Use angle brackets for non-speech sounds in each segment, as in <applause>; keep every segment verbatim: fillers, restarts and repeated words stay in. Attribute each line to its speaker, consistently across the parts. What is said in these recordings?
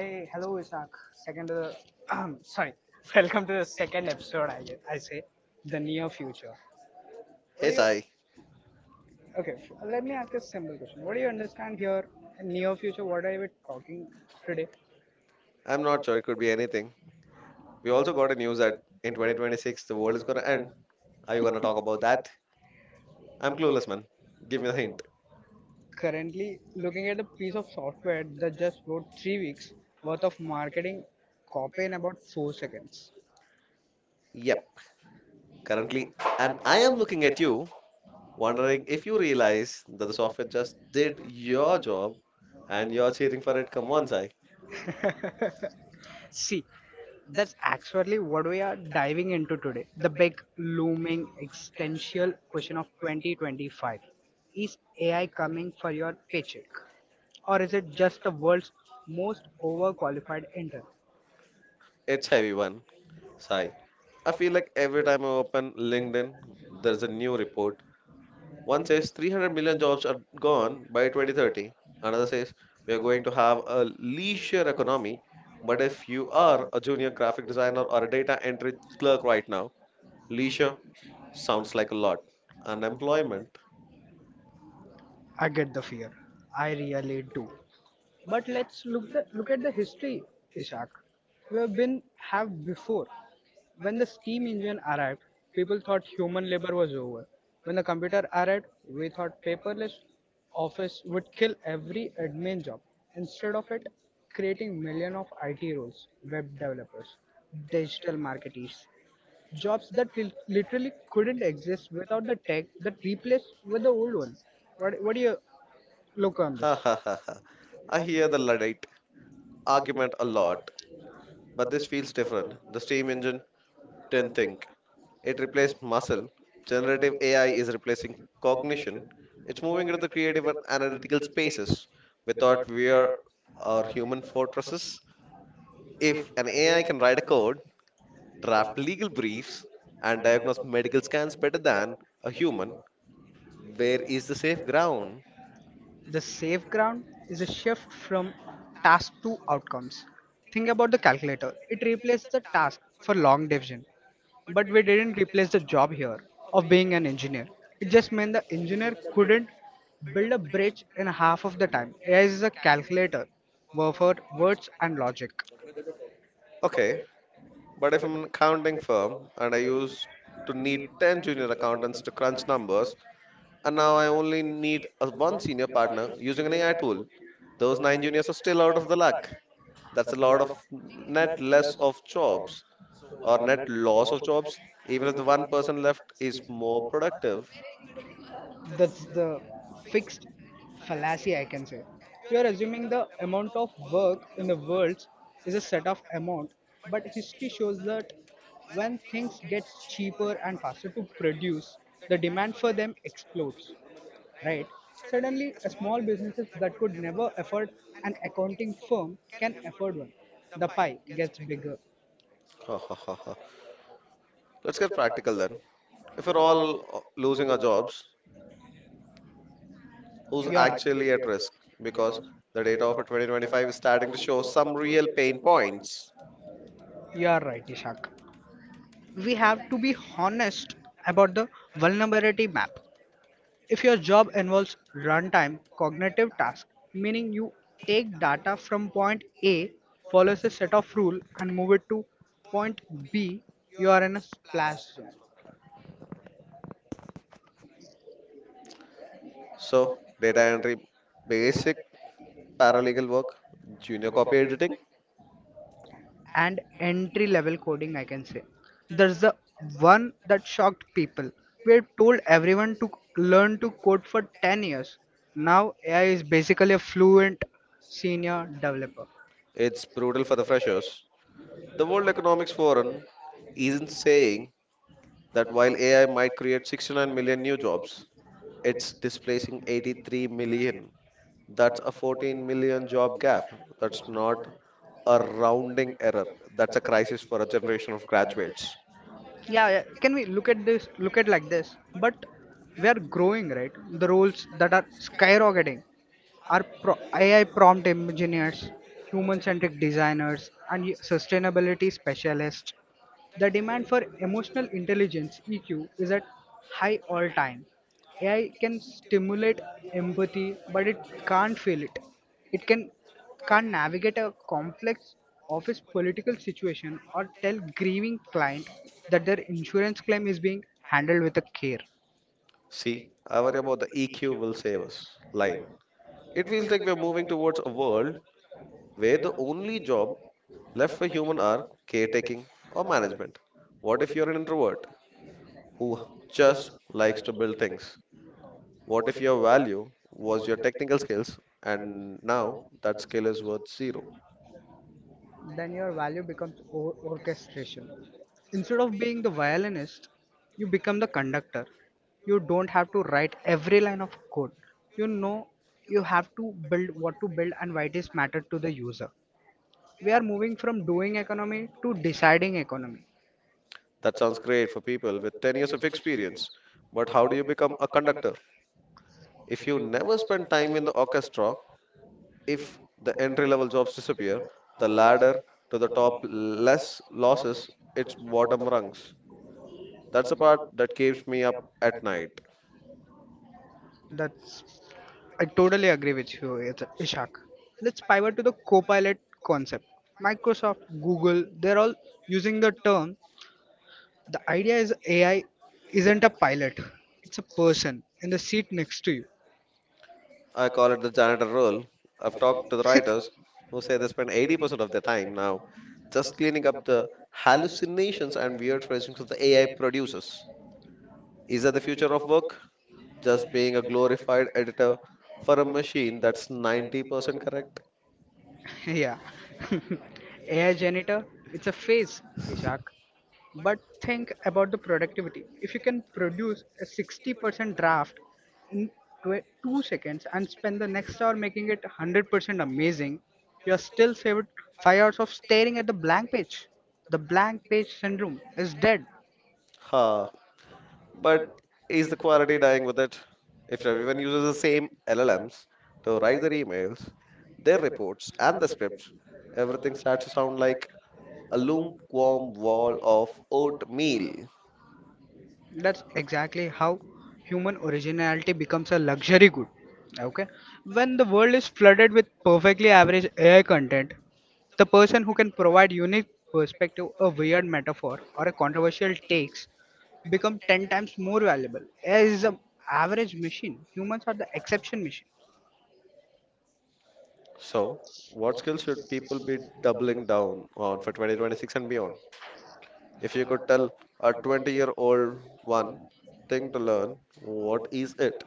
Speaker 1: Hey, hello, Ishak. Second, to the, <clears throat> sorry, <laughs> welcome to the second episode. I guess, I say the near future.
Speaker 2: Hey
Speaker 1: What do you?
Speaker 2: Sai,
Speaker 1: Okay, f- let me ask you a simple question. What do you understand here in near future? What are we talking today?
Speaker 2: I'm not sure it could be anything. We also got a news that in twenty twenty-six the world is gonna end. Are you gonna talk about that? I'm clueless, man. Give me the hint.
Speaker 1: Currently, looking at the piece of software that just wrote three weeks worth of marketing copy in about four seconds.
Speaker 2: Yep, currently. And I am looking at you, wondering if you realize that the software just did your job and you're cheering for it. Come on, Sai.
Speaker 1: <laughs> See, that's actually what we are diving into today. The big looming existential question of twenty twenty-five. Is A I coming for your paycheck? Or is it just the world's most overqualified intern?
Speaker 2: It's heavy one, Sai. I feel like every time I open LinkedIn, there's a new report. One says three hundred million jobs are gone by twenty thirty. Another says we are going to have a leisure economy. But if you are a junior graphic designer or a data entry clerk right now, leisure sounds like a lot. Unemployment,
Speaker 1: I get the fear. I really do. But let's look the, look at the history, Ishak. We have been have before. When the steam engine arrived, people thought human labor was over. When the computer arrived, we thought paperless office would kill every admin job. Instead of it, creating million of I T roles, web developers, digital marketers, jobs that lit- literally couldn't exist without the tech that replaced with the old ones. What, what do you look on?
Speaker 2: ha ha ha ha. I hear the Luddite argument a lot, but this feels different. The steam engine didn't think. It replaced muscle. Generative A I is replacing cognition. It's moving into the creative and analytical spaces. We thought we are our human fortresses. If an A I can write a code, draft legal briefs, and diagnose medical scans better than a human, where is the safe ground?
Speaker 1: The safe ground is a shift from task to outcomes. Think about the calculator. It replaced the task for long division. But we didn't replace the job here of being an engineer. It just meant the engineer couldn't build a bridge in half of the time. A I is a calculator were for words and logic.
Speaker 2: Okay, but if I'm an accounting firm and I used to need ten junior accountants to crunch numbers, and now I only need a one senior partner using an A I tool, those nine juniors are still out of the luck. That's a lot of net less of jobs or net loss of jobs, even if the one person left is more productive.
Speaker 1: That's the fixed fallacy, I can say. You are assuming the amount of work in the world is a set of amount, but history shows that when things get cheaper and faster to produce, the demand for them explodes. Right? Suddenly, a small businesses that could never afford an accounting firm can afford one. The pie gets bigger.
Speaker 2: Ha, ha, ha, ha. Let's get practical then. If we're all losing our jobs, who's
Speaker 1: You are right.
Speaker 2: actually at risk? Because the data of twenty twenty-five is starting to show some real pain points.
Speaker 1: You are right, Ishak. We have to be honest about the vulnerability map. If your job involves runtime cognitive task, meaning you take data from point A, follows a set of rule and move it to point B, you are in a splash zone.
Speaker 2: So, data entry, basic paralegal work, junior copy editing.
Speaker 1: And entry level coding, I can say. There's the one that shocked people. We had told everyone to learn to code for ten years. Now A I is basically a fluent senior developer.
Speaker 2: It's brutal for the freshers. The World Economics Forum isn't saying that while A I might create sixty-nine million new jobs, it's displacing eighty-three million. That's a fourteen million job gap. That's not a rounding error. That's a crisis for a generation of graduates.
Speaker 1: Yeah, yeah can we look at this, look at like this? But we are growing, right? The roles that are skyrocketing are pro- AI prompt engineers, human centric designers and y- sustainability specialists. The demand for emotional intelligence, E Q, is at high all time. AI can stimulate empathy, but it can't feel it it can can't navigate a complex office political situation or tell grieving client that their insurance claim is being handled with a care.
Speaker 2: See, I worry about the E Q will save us line. It feels like we're moving towards a world where the only job left for human are caretaking or management. What if you're an introvert who just likes to build things? What if your value was your technical skills and now that skill is worth zero?
Speaker 1: Then your value becomes or- orchestration. Instead of being the violinist, you become the conductor. You don't have to write every line of code, you know. You have to build what to build and why it is matter to the user. We are moving from doing economy to deciding economy.
Speaker 2: That sounds great for people with ten years of experience, but how do you become a conductor? If you never spend time in the orchestra, if the entry level jobs disappear, the ladder to the top less losses its bottom rungs. That's the part that keeps me up at night.
Speaker 1: That's, I totally agree with you, Is- Ishak. Let's pivot to the Copilot concept. Microsoft, Google, they're all using the term. The idea is A I isn't a pilot, it's a person in the seat next to you.
Speaker 2: I call it the janitor role. I've talked to the writers who say they spend eighty percent of their time now just cleaning up the hallucinations and weird phrasings of the A I producers. Is that the future of work? Just being a glorified editor for a machine that's ninety percent correct?
Speaker 1: <laughs> Yeah. <laughs> A I janitor, it's a phase, Ishak. But think about the productivity. If you can produce a sixty percent draft in tw- two seconds and spend the next hour making it one hundred percent amazing, you are still saved five hours of staring at the blank page. The blank page syndrome is dead.
Speaker 2: Ha. But is the quality dying with it? If everyone uses the same L L Ms to write their emails, their reports, and the scripts, everything starts to sound like a lukewarm wall of oatmeal.
Speaker 1: That's exactly how human originality becomes a luxury good. Okay, when the world is flooded with perfectly average AI content, the person who can provide unique perspective, a weird metaphor or a controversial takes, become ten times more valuable. AI is an average machine, humans are the exception machine.
Speaker 2: So, what skills should people be doubling down on for twenty twenty-six and beyond? If you could tell a twenty-year-old one thing to learn, what is it?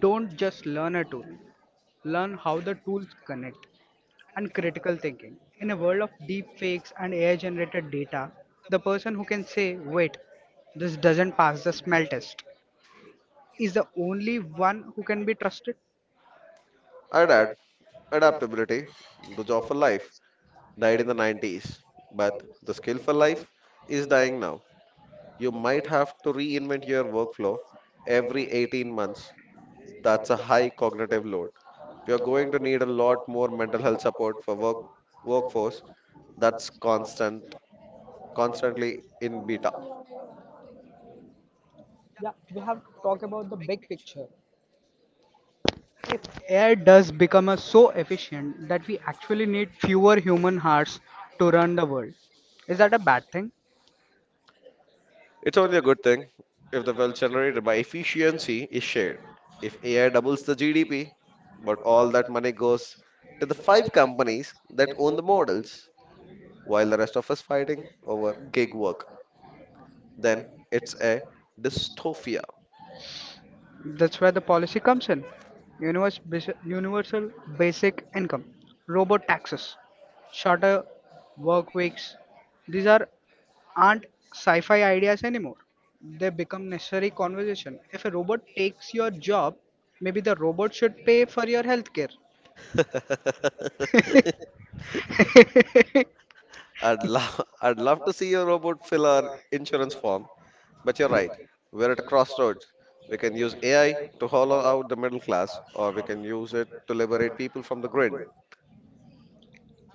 Speaker 1: Don't just learn a tool, learn how the tools connect. And critical thinking. In a world of deep fakes and A I generated data, the person who can say, wait, this doesn't pass the smell test, is the only one who can be trusted.
Speaker 2: I'd add adaptability. The job for life died in the nineties, but the skill for life is dying now. You might have to reinvent your workflow every eighteen months. That's a high cognitive load. We are going to need a lot more mental health support for work workforce that's constant constantly in beta.
Speaker 1: Yeah, we have to talk about the big picture. If A I does become a, so efficient that we actually need fewer human hearts to run the world, is that a bad thing?
Speaker 2: It's only a good thing if the wealth generated by efficiency is shared. If A I doubles the G D P, but all that money goes to the five companies that own the models, while the rest of us fighting over gig work, then it's a dystopia. <laughs>
Speaker 1: That's where the policy comes in. Universe, basi- universal basic income, robot taxes, shorter work weeks. These are aren't sci-fi ideas anymore. They become necessary conversation. If a robot takes your job, maybe the robot should pay for your healthcare.
Speaker 2: I'd love I'd love to see a robot fill our insurance form. But you're right, we're at a crossroads. We can use A I to hollow out the middle class, or we can use it to liberate people from the grid.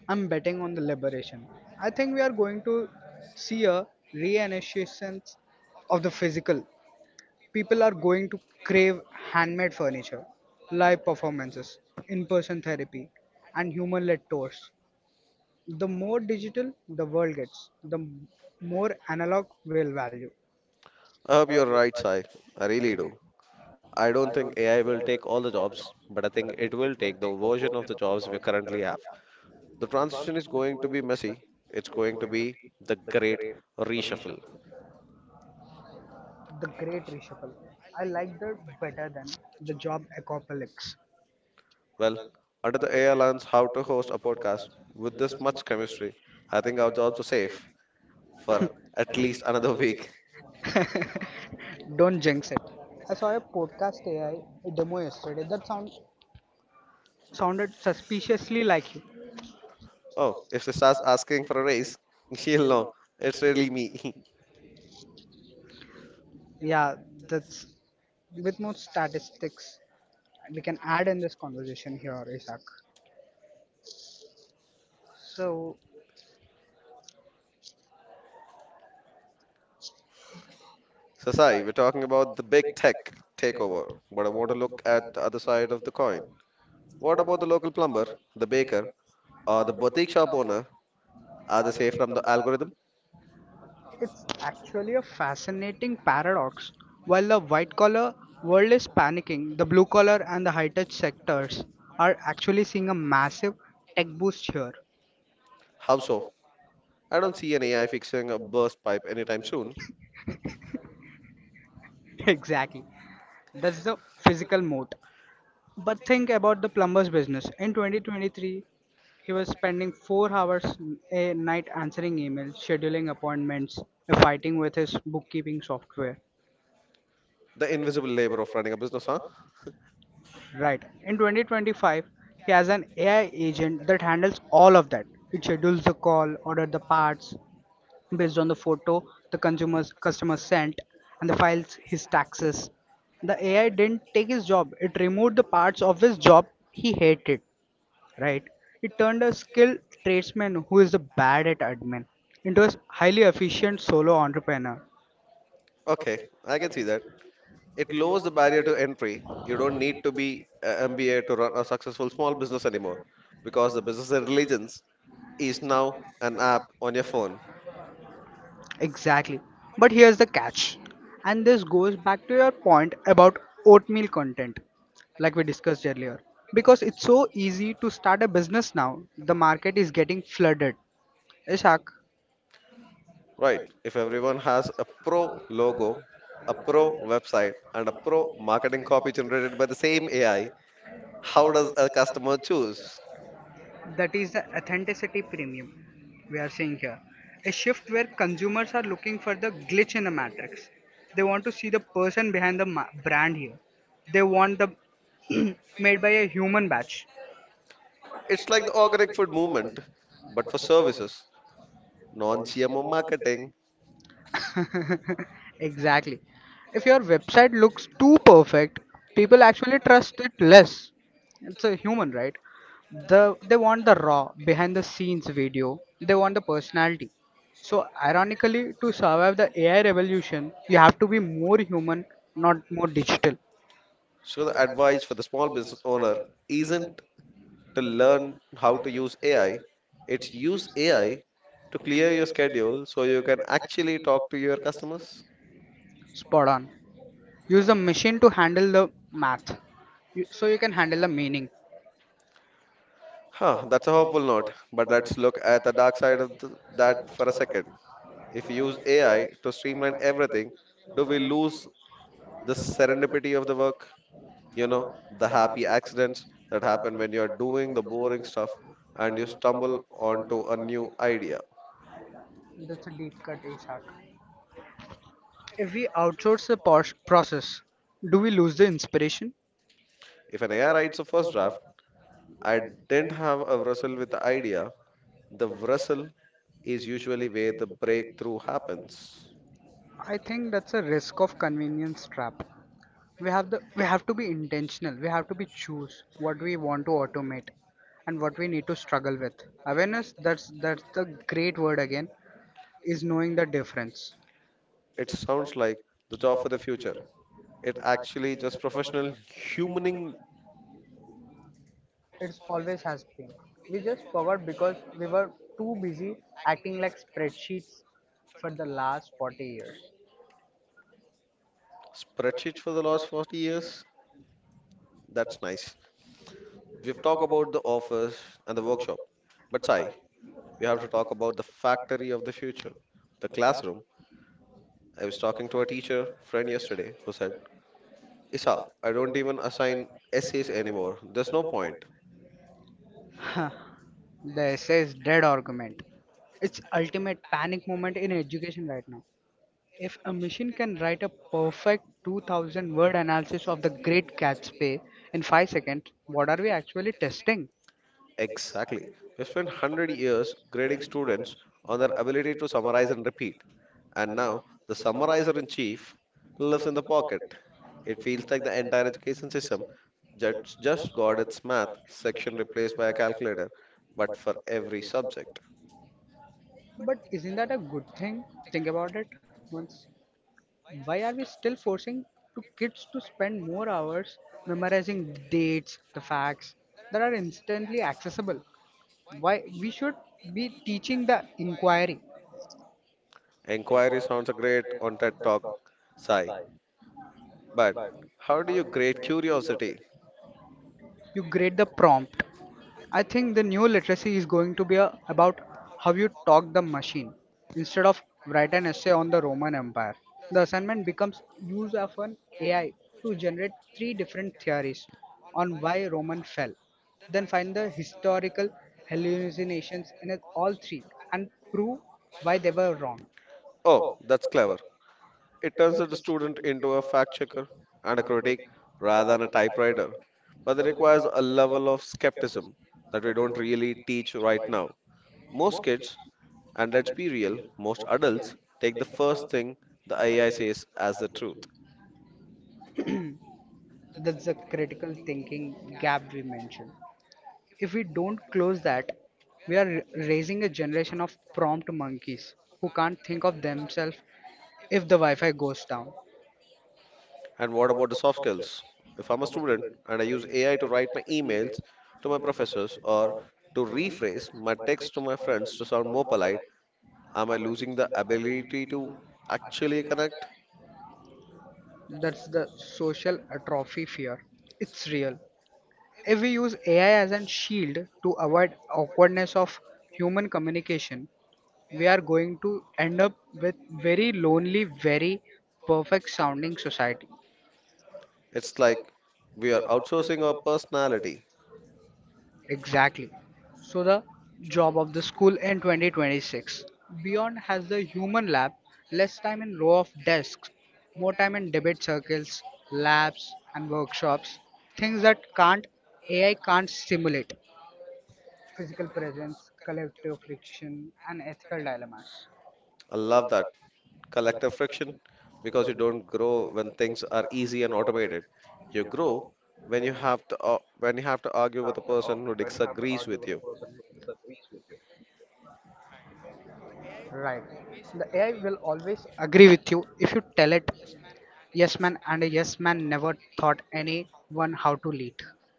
Speaker 1: I'm betting on the liberation. I think we are going to see a renaissance of the physical. People are going to crave handmade furniture, live performances, in person therapy, and human led tours. The more digital the world gets, the m- more analog will value.
Speaker 2: I hope you're right, Sai. I really do. I don't think A I will take all the jobs, but I think it will take the version of the jobs we currently have. The transition is going to be messy. It's going to be the great reshuffle.
Speaker 1: The great reshuffle. I like that better than the job apocalypse.
Speaker 2: Well, under the A I learns how to host a podcast with this much chemistry, I think our jobs are safe for at least another <laughs> week.
Speaker 1: Don't jinx it. I saw a podcast A I demo yesterday that sound, sounded suspiciously like you.
Speaker 2: Oh, if she starts asking for a raise, <laughs> she'll know it's really me. <laughs>
Speaker 1: Yeah, that's with more statistics we can add in this conversation here, Isaac. So
Speaker 2: So, Sai, we're talking about the big tech takeover, but I want to look at the other side of the coin. What about the local plumber, the baker, or the boutique shop owner? Are they safe from the algorithm?
Speaker 1: it's actually a fascinating paradox. While the white collar world is panicking, the blue collar and the high tech sectors are actually seeing a massive tech boost here.
Speaker 2: How so? I don't see an A I fixing a burst pipe anytime soon.
Speaker 1: <laughs> Exactly. That's the physical moat. But think about the plumber's business. In twenty twenty-three, he was spending four hours a night answering emails, scheduling appointments, fighting with his bookkeeping software.
Speaker 2: The invisible labor of running a business, huh?
Speaker 1: Right. In twenty twenty-five, he has an A I agent that handles all of that. It schedules the call, orders the parts based on the photo the consumer's customer sent, and the files his taxes. The A I didn't take his job. It removed the parts of his job he hated. Right. It turned a skilled tradesman who is bad at admin into a highly efficient solo entrepreneur.
Speaker 2: Okay, I can see that. It lowers the barrier to entry. You don't need to be a M B A to run a successful small business anymore because the business intelligence is now an app on your phone,
Speaker 1: Exactly. But here's the catch. And this goes back to your point about oatmeal content, like we discussed earlier. Because it's so easy to start a business now, the market is getting flooded. Ishak,
Speaker 2: right? If everyone has a pro logo, a pro website, and a pro marketing copy generated by the same A I, how does a customer choose?
Speaker 1: that is the authenticity premium we are seeing here. A shift where consumers are looking for the glitch in the matrix. They want to see the person behind the ma- brand here. They want the <clears throat> made by a human batch.
Speaker 2: It's like the organic food movement, but for services, non G M O marketing.
Speaker 1: <laughs> Exactly. If your website looks too perfect, people actually trust it less. It's a human, right? The they want the raw behind the scenes video. They want the personality. So ironically, to survive the A I revolution, you have to be more human, not more digital.
Speaker 2: So, the advice for the small business owner isn't to learn how to use A I, it's use A I to clear your schedule so you can actually talk to your customers.
Speaker 1: Spot on. Use the machine to handle the math. You, so you can handle the meaning.
Speaker 2: Huh, that's a hopeful note, but let's look at the dark side of th- that for a second. If we use A I to streamline everything, do we lose the serendipity of the work? You know, the happy accidents that happen when you're doing the boring stuff and you stumble onto a new idea.
Speaker 1: That's a deep cut, Ishak. If we outsource the pos- process, do we lose the inspiration?
Speaker 2: If an A I writes a first draft, I didn't have a wrestle with the idea. The wrestle is usually where the breakthrough happens.
Speaker 1: I think that's a risk of convenience trap. We have the we have to be intentional. We have to be choose what we want to automate and what we need to struggle with. Awareness, that's that's the great word again, is knowing the difference.
Speaker 2: It sounds like the job for the future, it actually just professional humaning
Speaker 1: It's always has been. We just forgot because we were too busy acting like spreadsheets for the last forty years.
Speaker 2: spreadsheet for the last forty years. That's nice. We've talked about the office and the workshop, but Sai, we have to talk about the factory of the future, the classroom. I was talking to a teacher friend yesterday who said, Isak, I don't even assign essays anymore. There's no point.
Speaker 1: The essay's dead argument. It's ultimate panic moment in education right now. If a machine can write a perfect two thousand word analysis of the great Gatsby in five seconds, what are we actually testing?
Speaker 2: Exactly. We've spent one hundred years grading students on their ability to summarize and repeat. And now, the summarizer in chief lives in the pocket. It feels like the entire education system that's just got its math section replaced by a calculator, but for every subject.
Speaker 1: But isn't that a good thing? Think about it once. Why are we still forcing to kids to spend more hours memorizing the dates, the facts that are instantly accessible? Why we should be teaching the inquiry?
Speaker 2: Inquiry sounds great on TED Talk, Sai, but how do you grade curiosity?
Speaker 1: You grade the prompt. I think the new literacy is going to be a, about how you talk the machine. Instead of write an essay on the Roman Empire, the assignment becomes use of an A I to generate three different theories on why Roman fell. Then find the historical hallucinations in it- all three and prove why they were wrong.
Speaker 2: Oh, that's clever. It turns the student into a fact checker and a critic rather than a typewriter, but it requires a level of skepticism that we don't really teach right now. Most kids, and let's be real, most adults take the first thing the A I says as the truth.
Speaker 1: That's the critical thinking gap we mentioned. If we don't close that, we are raising a generation of prompt monkeys who can't think of themselves if the Wi-Fi goes down.
Speaker 2: And what about the soft skills? If I'm a student and I use A I to write my emails to my professors or to rephrase my text to my friends to sound more polite, am I losing the ability to actually connect?
Speaker 1: That's the social atrophy fear. It's real. If we use A I as a shield to avoid awkwardness of human communication, we are going to end up with very lonely, very perfect sounding society.
Speaker 2: It's like we are outsourcing our personality.
Speaker 1: Exactly. So the job of the school in twenty twenty-six beyond has the human lab, less time in row of desks, more time in debate circles, labs and workshops, things that can't A I can't stimulate. Physical presence, collective friction and ethical dilemmas.
Speaker 2: I love that collective friction because you don't grow when things are easy and automated. You grow when you have to uh, when you have to argue with a person who disagrees with you.
Speaker 1: Right. The A I will always agree with you if you tell it yes man and a yes man never taught anyone how to lead.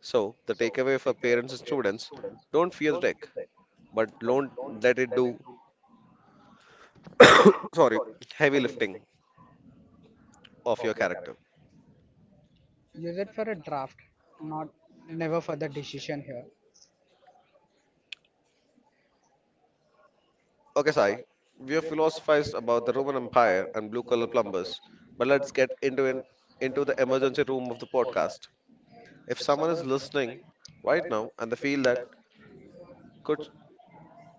Speaker 2: So the takeaway for parents and students, don't fear the tech but don't let it do, <coughs> sorry, heavy lifting of your character.
Speaker 1: Use it for a draft, not never for the decision here.
Speaker 2: Okay, Sai, we have philosophized about the Roman Empire and blue collar plumbers, but let's get into an, into the emergency room of the podcast. If someone is listening right now and they feel that could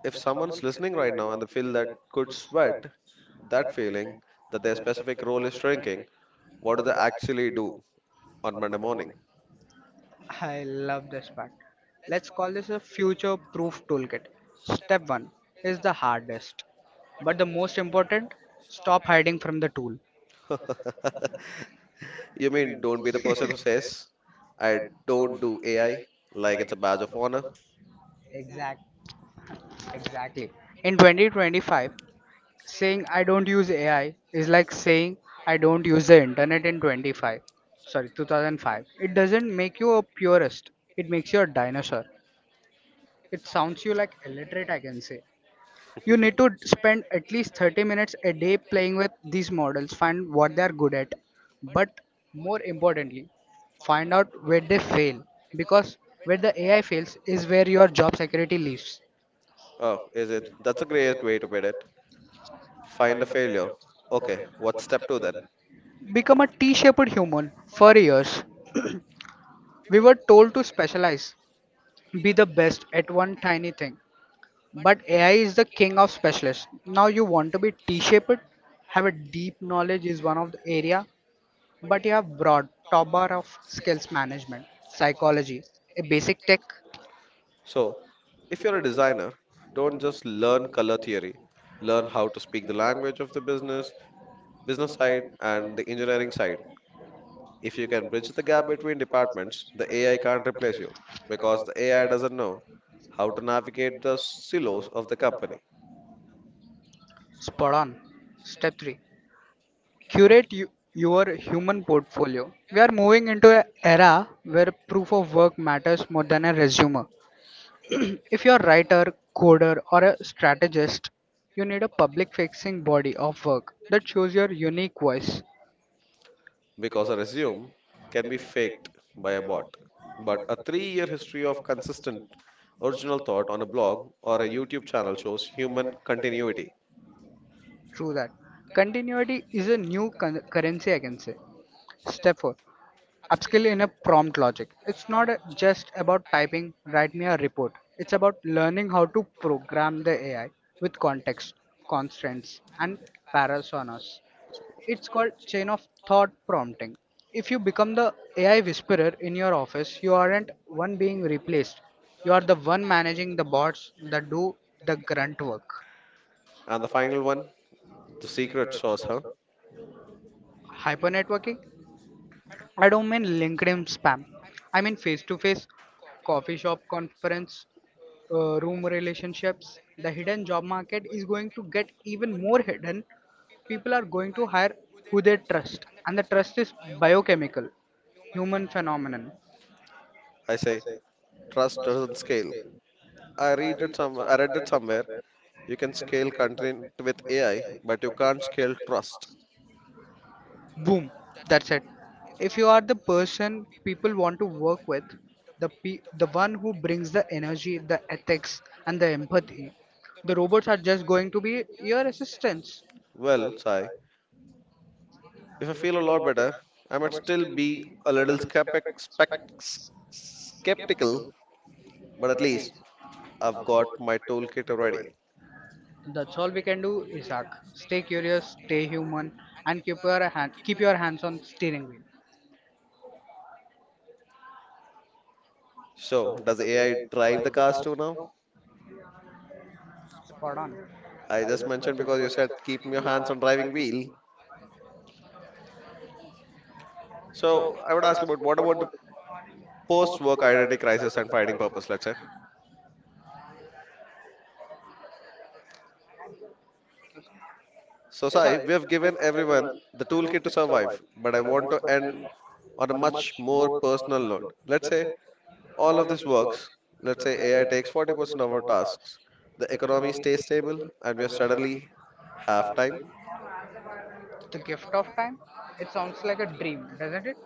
Speaker 2: If someone's listening right now and they feel that could sweat, that feeling that their specific role is shrinking, what do they actually do on Monday morning?
Speaker 1: I love this part. Let's call this a future proof toolkit. Step one is the hardest, but the most important stop hiding from the tool.
Speaker 2: <laughs> you mean don't be the person who says I don't do A I like it's a badge of honor.
Speaker 1: Exact, exactly. In twenty twenty-five, saying I don't use A I is like saying I don't use the internet in twenty-five. Sorry, two thousand five. It doesn't make you a purist. It makes you a dinosaur. It sounds you like illiterate, I can say. You need to spend at least thirty minutes a day playing with these models, find what they are good at, but more importantly, find out where they fail because where the A I fails is where your job security lives.
Speaker 2: Oh, is it? That's a great way to put it. Find a failure. Okay, what's step two then?
Speaker 1: Become a T shaped human for years. We were told to specialize, be the best at one tiny thing. But A I is the king of specialists. Now you want to be T shaped? Have a deep knowledge is one of the area but you have broad top bar of skills management, psychology, a basic tech,
Speaker 2: So, if you're a designer, don't just learn color theory. Learn how to speak the language of the business, business side, and the engineering side. If you can bridge the gap between departments, the A I can't replace you because the A I doesn't know how to navigate the silos of the company.
Speaker 1: spot on. Step three, curate you, your human portfolio. We are moving into an era where proof of work matters more than a resume. If you're a writer, coder, or a strategist, you need a public facing body of work that shows your unique voice.
Speaker 2: Because a resume can be faked by a bot. But a three year history of consistent original thought on a blog or a YouTube channel shows human continuity.
Speaker 1: True that. Continuity is a new con- currency, I can say. Step four, upskill in a prompt logic. It's not a- just about typing, write me a report. It's about learning how to program the A I with context, constraints, and parasonas. It's called chain of thought prompting. If you become the A I whisperer in your office, you aren't one being replaced. You are the one managing the bots that do the grunt work.
Speaker 2: And the final one, the secret sauce, huh?
Speaker 1: Hypernetworking. I don't mean LinkedIn spam. I mean face to face, coffee shop conference, uh, room relationships. The hidden job market is going to get even more hidden. People are going to hire who they trust, and the trust is biochemical, human phenomenon.
Speaker 2: I say trust doesn't scale. I read it some I read it somewhere. You can scale content with A I, but you can't scale trust.
Speaker 1: Boom, that's it. If you are the person people want to work with, the pe- the one who brings the energy, the ethics, and the empathy, the robots are just going to be your assistants.
Speaker 2: Well, Sai, if I feel a lot better, I might still be a little skeptic, spec, skeptical, but at least I've got my toolkit ready.
Speaker 1: That's all we can do, Isaac. Stay curious, stay human, and keep your hand keep your hands on steering wheel.
Speaker 2: So, does A I drive the cars too now?
Speaker 1: Spot on.
Speaker 2: I just mentioned because you said keep your hands on driving wheel. So, I would ask you about what about the post-work identity crisis and finding purpose, let's say. So, Sai,
Speaker 1: Isaac,
Speaker 2: we have given everyone the toolkit to survive, but I want to end on a much more personal note. Let's say all of this works. Let's say A I takes forty percent of our tasks. The economy stays stable and we are suddenly half time.
Speaker 1: the gift of time. It sounds like a dream, doesn't it?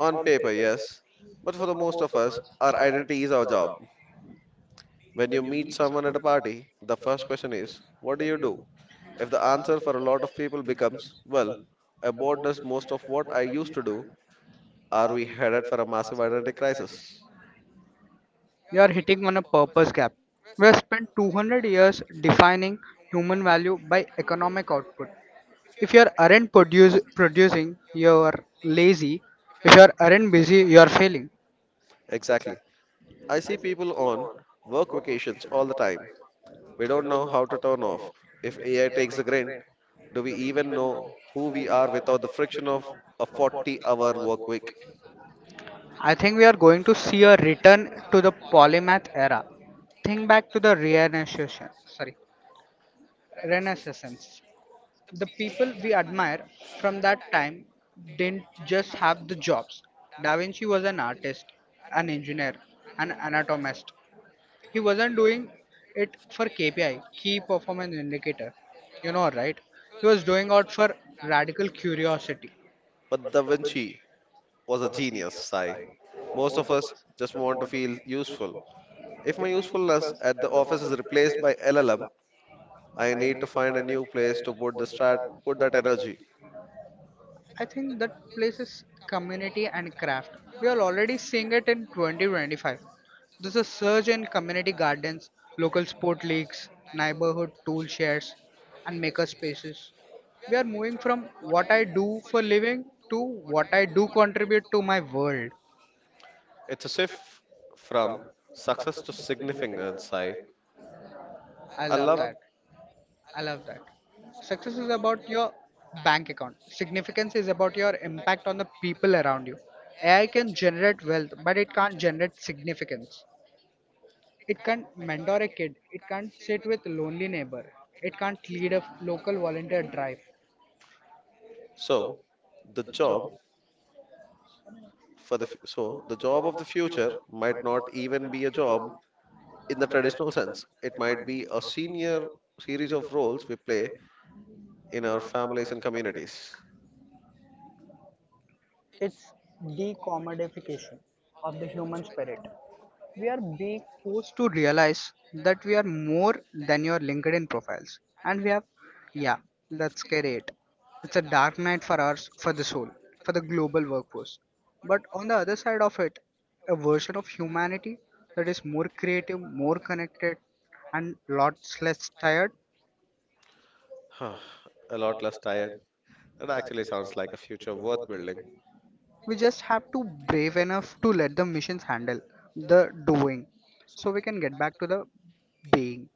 Speaker 2: On paper, yes, but for the most of us, our identity is our job. When you meet someone at a party, the first question is, what do you do? If the answer for a lot of people becomes, well, I board does most of what I used to do, are we headed for a massive identity crisis?
Speaker 1: You are hitting on a purpose gap. We have spent two hundred years defining human value by economic output. If you aren't are aren't produce, producing, you're lazy. If you are aren't busy, you're failing.
Speaker 2: Exactly. I see people on work vacations all the time. We don't know how to turn off. If A I takes the grain, do we even know who we are without the friction of a forty hour work week?
Speaker 1: I think we are going to see a return to the polymath era. Think back to the Renaissance. Sorry, Renaissance. The people we admire from that time didn't just have the jobs. Da Vinci was an artist, an engineer, an anatomist. He wasn't doing it for K P I, key performance indicator. You know, right? He was doing out for radical curiosity.
Speaker 2: But Da Vinci was a genius, Sai. Most of us just want to feel useful. If my usefulness at the office is replaced by L L M, I need to find a new place to put the strat put that energy.
Speaker 1: I think that places community and craft. We are already seeing it in twenty twenty-five. There's a surge in community gardens, local sport leagues, neighborhood tool shares, and maker spaces. We are moving from what I do for living to what I do contribute to my world.
Speaker 2: It's a shift from success to significance. I,
Speaker 1: I I
Speaker 2: I
Speaker 1: love love
Speaker 2: love
Speaker 1: that. I love that. Success is about your bank account. Significance is about your impact on the people around you. A I can generate wealth, but it can't generate significance. It can't mentor a kid. It can't sit with lonely neighbor. It can't lead a f- local volunteer drive.
Speaker 2: So the job for the fu- so the job of the future might not even be a job in the traditional sense. It might be a senior series of roles we play in our families and communities.
Speaker 1: It's decommodification of the human spirit. We are being forced to realize that we are more than your LinkedIn profiles. And we have, yeah, that's scary. It. It's a dark night for ours, for the soul, for the global workforce. But on the other side of it, a version of humanity that is more creative, more connected, and lots less tired.
Speaker 2: <sighs> a lot less tired. That actually sounds like a future worth building.
Speaker 1: We just have to brave enough to let the machines handle the doing so we can get back to the being.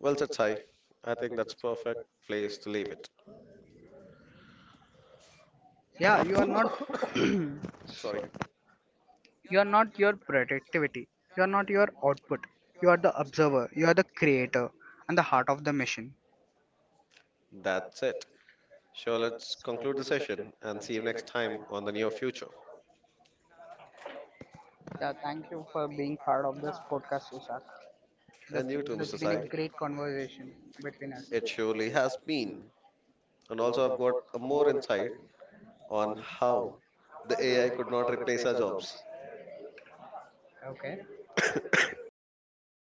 Speaker 2: Well said, Sai. I think that's perfect place to leave it.
Speaker 1: Yeah, you are not
Speaker 2: <laughs> <coughs> Sorry.
Speaker 1: <clears throat> you are not your productivity, you are not your output, you are the observer, you are the creator, and the heart of the machine.
Speaker 2: That's it. Sure, let's conclude the session and see you next time on the near future.
Speaker 1: Yeah, thank you for being part of this podcast, ishak.
Speaker 2: And
Speaker 1: that's
Speaker 2: you too, mister
Speaker 1: that's been
Speaker 2: Sai.
Speaker 1: a great conversation between us.
Speaker 2: It surely has been. And also, I've got a more insight on how the A I could not replace our jobs.
Speaker 1: Okay.